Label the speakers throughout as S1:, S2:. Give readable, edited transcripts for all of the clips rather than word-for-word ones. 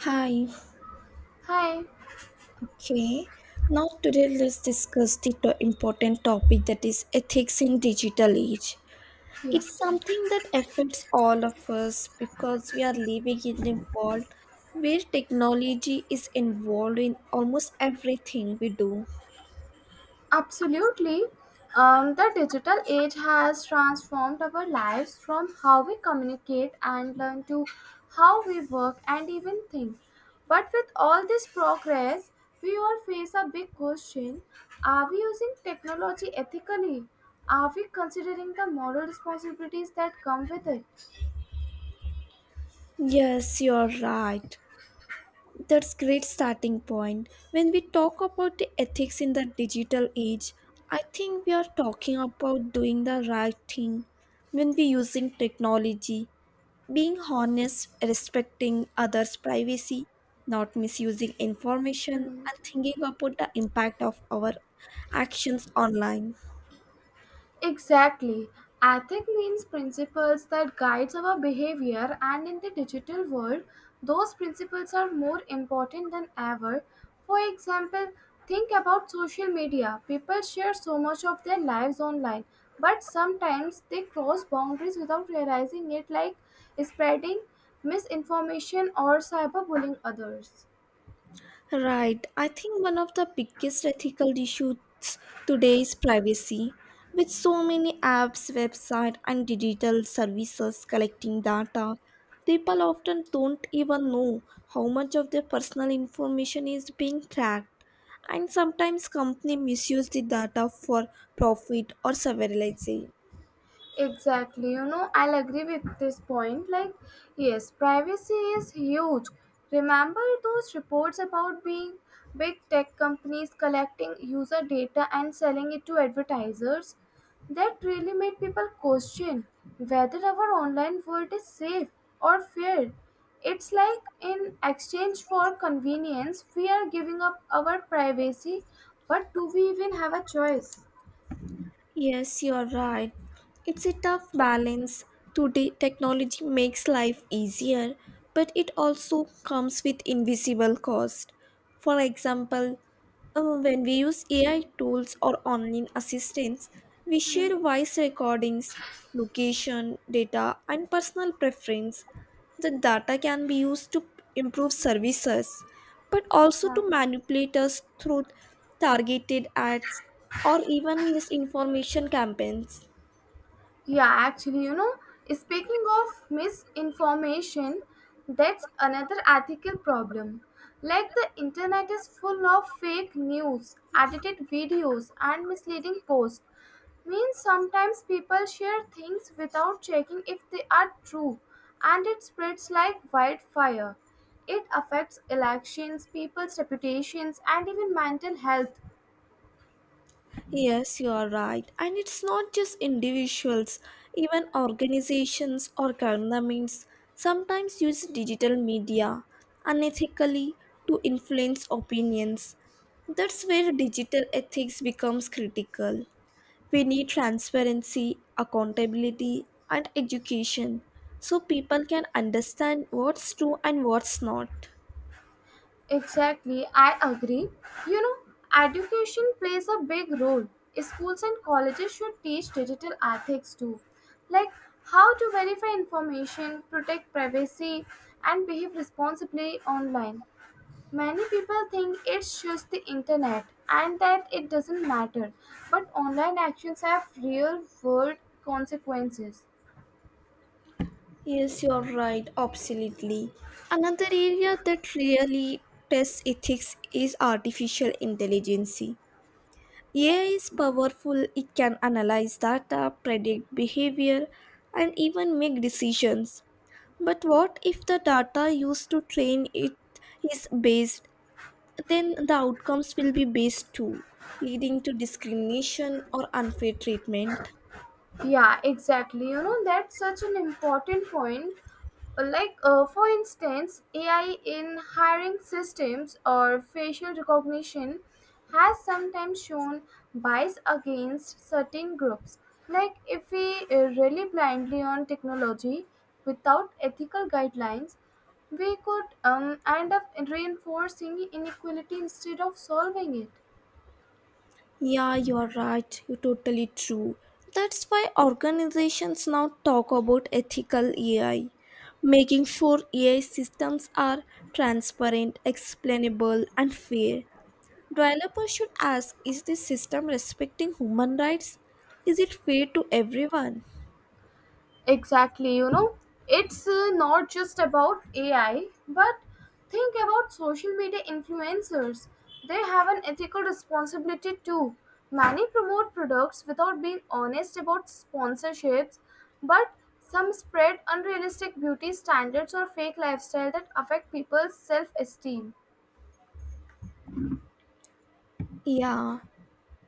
S1: Hi,
S2: Hi.
S1: okay. Now today let's discuss the important topic that is ethics in digital age.
S2: Yeah,
S1: It's something that affects all of us because we are living in a world where technology is involved in almost everything we do.
S2: absolutely. The digital age has transformed our lives from how we communicate and learn to how we work and even think. But with all this progress, we all face a big question. Are we using technology ethically? Are we considering the moral responsibilities that come with it?
S1: Yes, you're right. That's great starting point. When we talk about the ethics in the digital age, I think we are talking about doing the right thing when we using technology. Being honest, respecting others' privacy, not misusing information, and thinking about the impact of our actions online.
S2: Exactly. Ethic means principles that guides our behavior and in the digital world, those principles are more important than ever. For example, think about social media. People share so much of their lives online, but sometimes they cross boundaries without realizing it like spreading misinformation or cyberbullying others.
S1: Right. I think one of the biggest ethical issues today is privacy. With so many apps, websites, and digital services collecting data, people often don't even know how much of their personal information is being tracked. And sometimes companies misuse the data for profit or surveillance.
S2: Exactly, you know, I'll agree with this point. Like, yes, privacy is huge. Remember those reports about being big tech companies collecting user data and selling it to advertisers? That really made people question whether our online world is safe or fair. It's like in exchange for convenience, we are giving up our privacy, but do we even have a choice?
S1: Yes, you're right. It's a tough balance. Today, technology makes life easier, but it also comes with invisible cost. For example, when we use AI tools or online assistants, we share voice recordings, location, data, and personal preference. The data can be used to improve services but also
S2: Yeah.
S1: to manipulate us through targeted ads or even misinformation campaigns.
S2: Yeah, actually, you know, speaking of misinformation, that's another ethical problem. Like the internet is full of fake news, edited videos, and misleading posts. Means sometimes people share things without checking if they are true, and it spreads like wildfire. It affects elections, people's reputations, and even mental health.
S1: Yes, you are right. And it's not just individuals, even organizations or governments sometimes use digital media unethically to influence opinions. That's where digital ethics becomes critical. We need transparency, accountability, and education so people can understand what's true and what's not.
S2: Exactly, I agree. You know, education plays a big role. Schools and colleges should teach digital ethics too, like how to verify information, protect privacy, and behave responsibly online. Many people think it's just the internet and that it doesn't matter, but online actions have real world consequences.
S1: Yes, you're right, absolutely. Another area that really tests ethics is artificial intelligence. AI is powerful, it can analyze data, predict behavior, and even make decisions. But what if the data used to train it is based, then the outcomes will be based too, leading to discrimination or unfair treatment.
S2: Yeah, exactly. You know, that's such an important point. Like, for instance, AI in hiring systems or facial recognition has sometimes shown bias against certain groups. Like, if we rely blindly on technology without ethical guidelines, we could end up reinforcing inequality instead of solving it.
S1: Yeah, you're right. You're totally true. That's why organizations now talk about ethical AI, making sure AI systems are transparent, explainable, and fair. Developers should ask, is this system respecting human rights? Is it fair to everyone?
S2: Exactly, you know, it's not just about AI, but think about social media influencers. They have an ethical responsibility too. Many promote products without being honest about sponsorships, but some spread unrealistic beauty standards or fake lifestyle that affect people's self esteem.
S1: Yeah,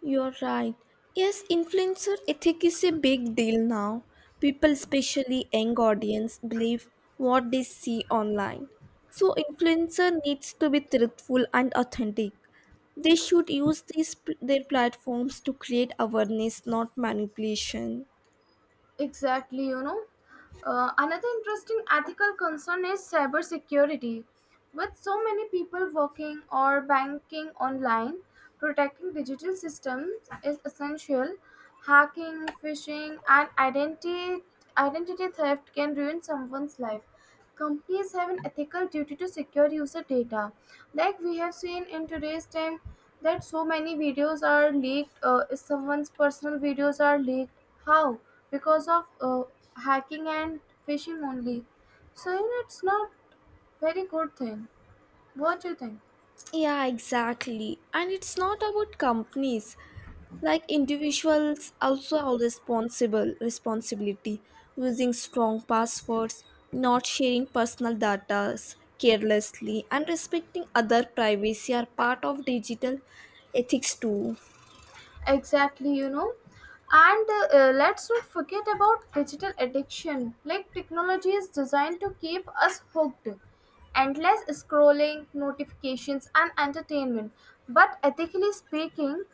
S1: you're right. Yes, influencer ethic is a big deal now. People, especially young audience, believe what they see online. So influencer needs to be truthful and authentic. They should use their platforms to create awareness, not manipulation.
S2: Exactly, you know. Another interesting ethical concern is cybersecurity. With so many people working or banking online, protecting digital systems is essential. Hacking, phishing, and identity theft can ruin someone's life. Companies have an ethical duty to secure user data like we have seen in today's time that so many videos are leaked, if someone's personal videos are leaked, how, because of hacking and phishing only. So you know, it's not very good thing. What do you think?
S1: Yeah, exactly. And it's not about companies, like individuals also have responsible responsibility, using strong passwords, not sharing personal data carelessly, and respecting other privacy are part of digital ethics too.
S2: Exactly, you know. And let's not forget about digital addiction. Like, technology is designed to keep us hooked. Endless scrolling, notifications, and entertainment. But ethically speaking,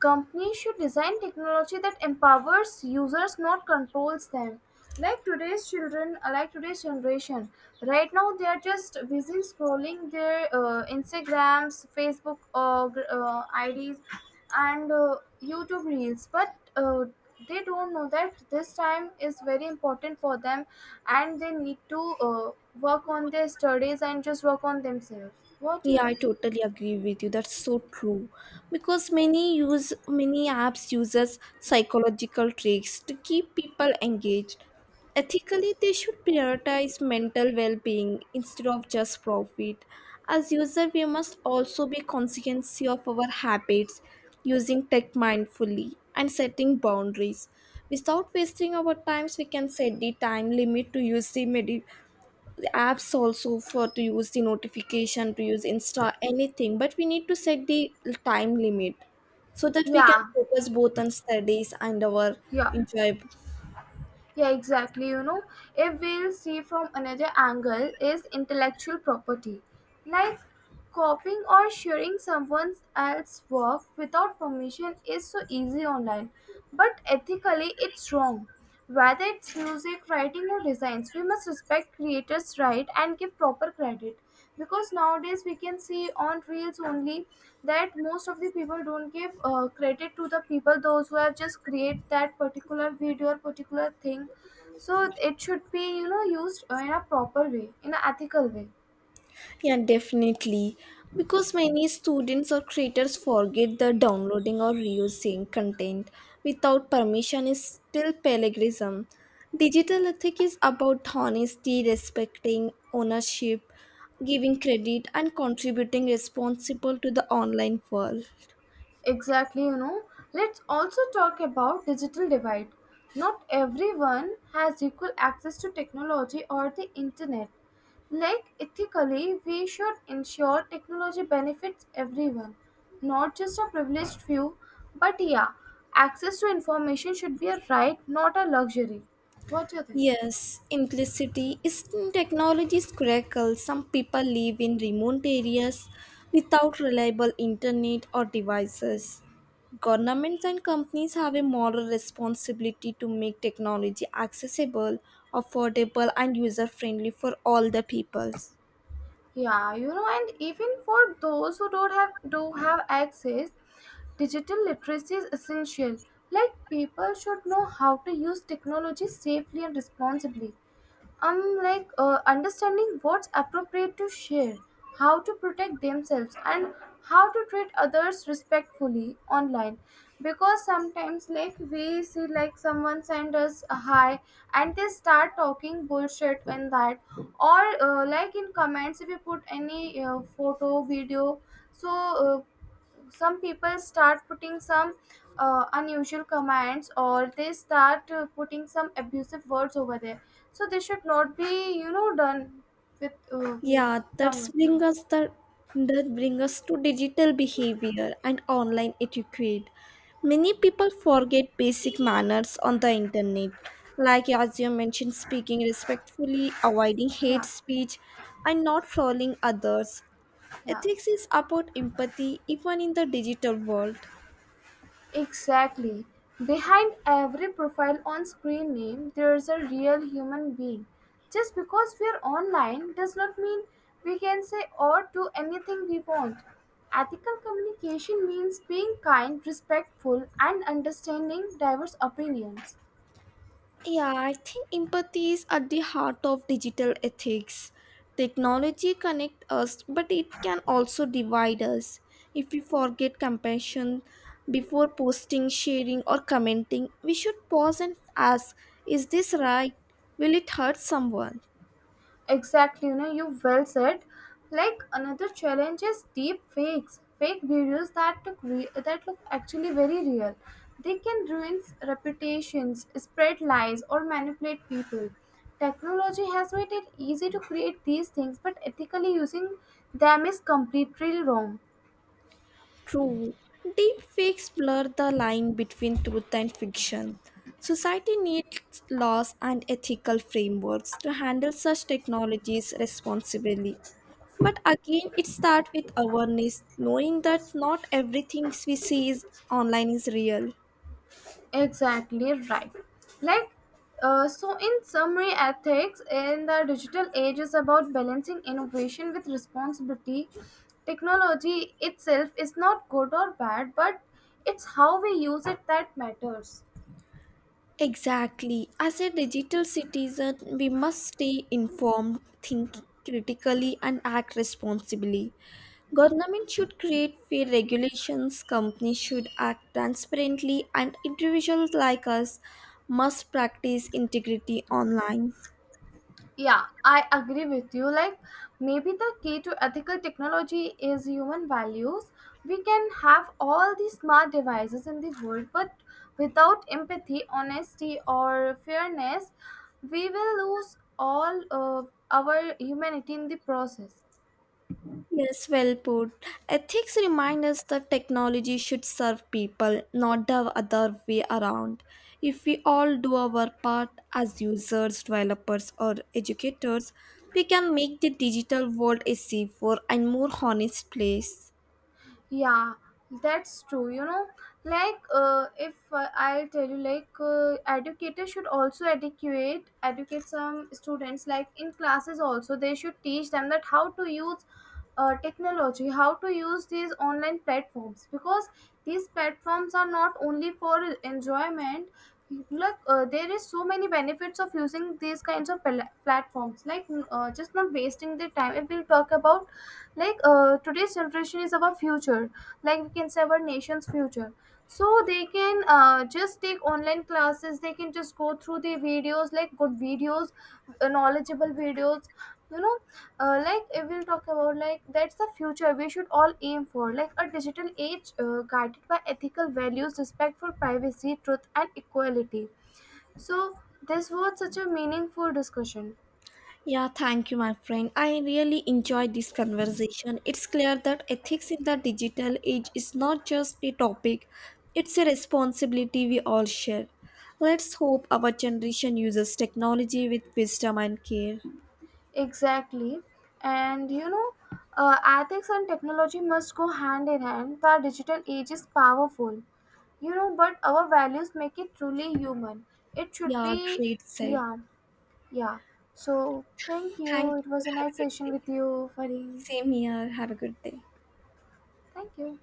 S2: companies should design technology that empowers users, not controls them. Like today's children, like today's generation, right now they are just busy scrolling their Instagrams, Facebook IDs, and YouTube Reels, but they don't know that this time is very important for them and they need to work on their studies and just work on themselves. What do you
S1: Yeah, I
S2: think?
S1: totally agree with you. That's so true. Because many use many apps uses psychological tricks to keep people engaged. Ethically, they should prioritize mental well-being instead of just profit. As user, we must also be conscious of our habits, using tech mindfully and setting boundaries. Without wasting our times, we can set the time limit to use the apps, also for to use the notification, to use insta, anything, but we need to set the time limit so that we can
S2: Yeah,
S1: focus both on studies and our
S2: yeah.
S1: enjoy.
S2: Yeah, exactly. You know, if we'll see from another angle, is intellectual property, like copying or sharing someone else's work without permission is so easy online, but ethically it's wrong. Whether it's music, writing, or designs, we must respect creators' right and give proper credit because nowadays we can see on reels only that most of the people don't give credit to the people those who have just create that particular video or particular thing. So it should be, you know, used in a proper way, in an ethical way.
S1: Yeah, definitely, because many students or creators forget that downloading or reusing content without permission is still plagiarism. Digital ethic is about honesty, respecting ownership, giving credit, and contributing responsible to the online world.
S2: Exactly, you know, let's also talk about digital divide. Not everyone has equal access to technology or the internet. Like ethically, we should ensure technology benefits everyone, not just a privileged few. But yeah, access to information should be a right, not a luxury. What do you think?
S1: Yes, inclusivity is in technology's crackle. Some people live in remote areas without reliable internet or devices. Governments and companies have a moral responsibility to make technology accessible, affordable, and user friendly for all the peoples.
S2: Yeah, you know, and even for those who don't have do have access, digital literacy is essential. Like people should know how to use technology safely and responsibly. I'm like understanding what's appropriate to share, how to protect themselves, and how to treat others respectfully online. Because sometimes, like we see, like someone send us a hi, and they start talking bullshit in that, or like in comments if you put any photo, video. So some people start putting some unusual commands, or they start putting some abusive words over there, so they should not be, you know, done with
S1: Yeah, that's
S2: some.
S1: bring us the that bring us to digital behavior and online etiquette. Many people forget basic manners on the internet, like as you mentioned, speaking respectfully, avoiding hate
S2: Yeah,
S1: speech, and not trolling others.
S2: yeah.
S1: Ethics is about empathy even in the digital world.
S2: Exactly. Behind every profile on screen name, there's a real human being. Just because we're online does not mean we can say or do anything we want. Ethical communication means being kind, respectful, and understanding diverse opinions.
S1: Yeah, I think empathy is at the heart of digital ethics. Technology connects us, but it can also divide us. If we forget compassion before posting, sharing, or commenting, we should pause and ask, is this right? Will it hurt someone?
S2: Exactly, you know, you well said. Like another challenge is deep fakes, fake videos that that look actually very real. They can ruin reputations, spread lies, or manipulate people. Technology has made it easy to create these things, but ethically using them is completely wrong.
S1: True. Deep fakes blur the line between truth and fiction. Society needs laws and ethical frameworks to handle such technologies responsibly. But again, it starts with awareness, knowing that not everything we see is online is real.
S2: Exactly right. Like, so in summary, ethics in the digital age is about balancing innovation with responsibility. Technology itself is not good or bad, but it's how we use it that matters.
S1: Exactly. As a digital citizen, we must stay informed, think critically, and act responsibly. Government should create fair regulations, companies should act transparently, and individuals like us must practice integrity online.
S2: Yeah, I agree with you. Like, maybe the key to ethical technology is human values. We can have all the smart devices in the world, but without empathy, honesty, or fairness, we will lose all of our humanity in the process.
S1: Yes, well put. Ethics remind us that technology should serve people, not the other way around. If we all do our part as users, developers, or educators, we can make the digital world a safer and more honest place.
S2: Yeah, that's true. You know, like if I'll tell you, like educators should also educate some students. Like in classes, also they should teach them that how to use technology, how to use these online platforms, because these platforms are not only for enjoyment. Like there is so many benefits of using these kinds of platforms. Like just not wasting the time. If we'll talk about, like today's generation is our future, like we can say our nation's future, so they can just take online classes, they can just go through the videos, like good videos, knowledgeable videos, you know, like if we'll talk about, like that's the future we should all aim for, like a digital age guided by ethical values, respect for privacy, truth and equality. So this was such a meaningful discussion.
S1: Yeah, thank you, my friend. I really enjoyed this conversation. It's clear that ethics in the digital age is not just a topic, it's a responsibility we all share. Let's hope our generation uses technology with wisdom and care.
S2: Exactly. And you know, ethics and technology must go hand in hand. The digital age is powerful, you know, but our values make it truly human. It should
S1: Yeah,
S2: be,
S1: great said.
S2: yeah, yeah. So, thank you.
S1: Thank
S2: It
S1: you.
S2: was a
S1: Have
S2: nice
S1: a good
S2: session
S1: day.
S2: with you, Farin.
S1: Same here. Have a good day.
S2: Thank you.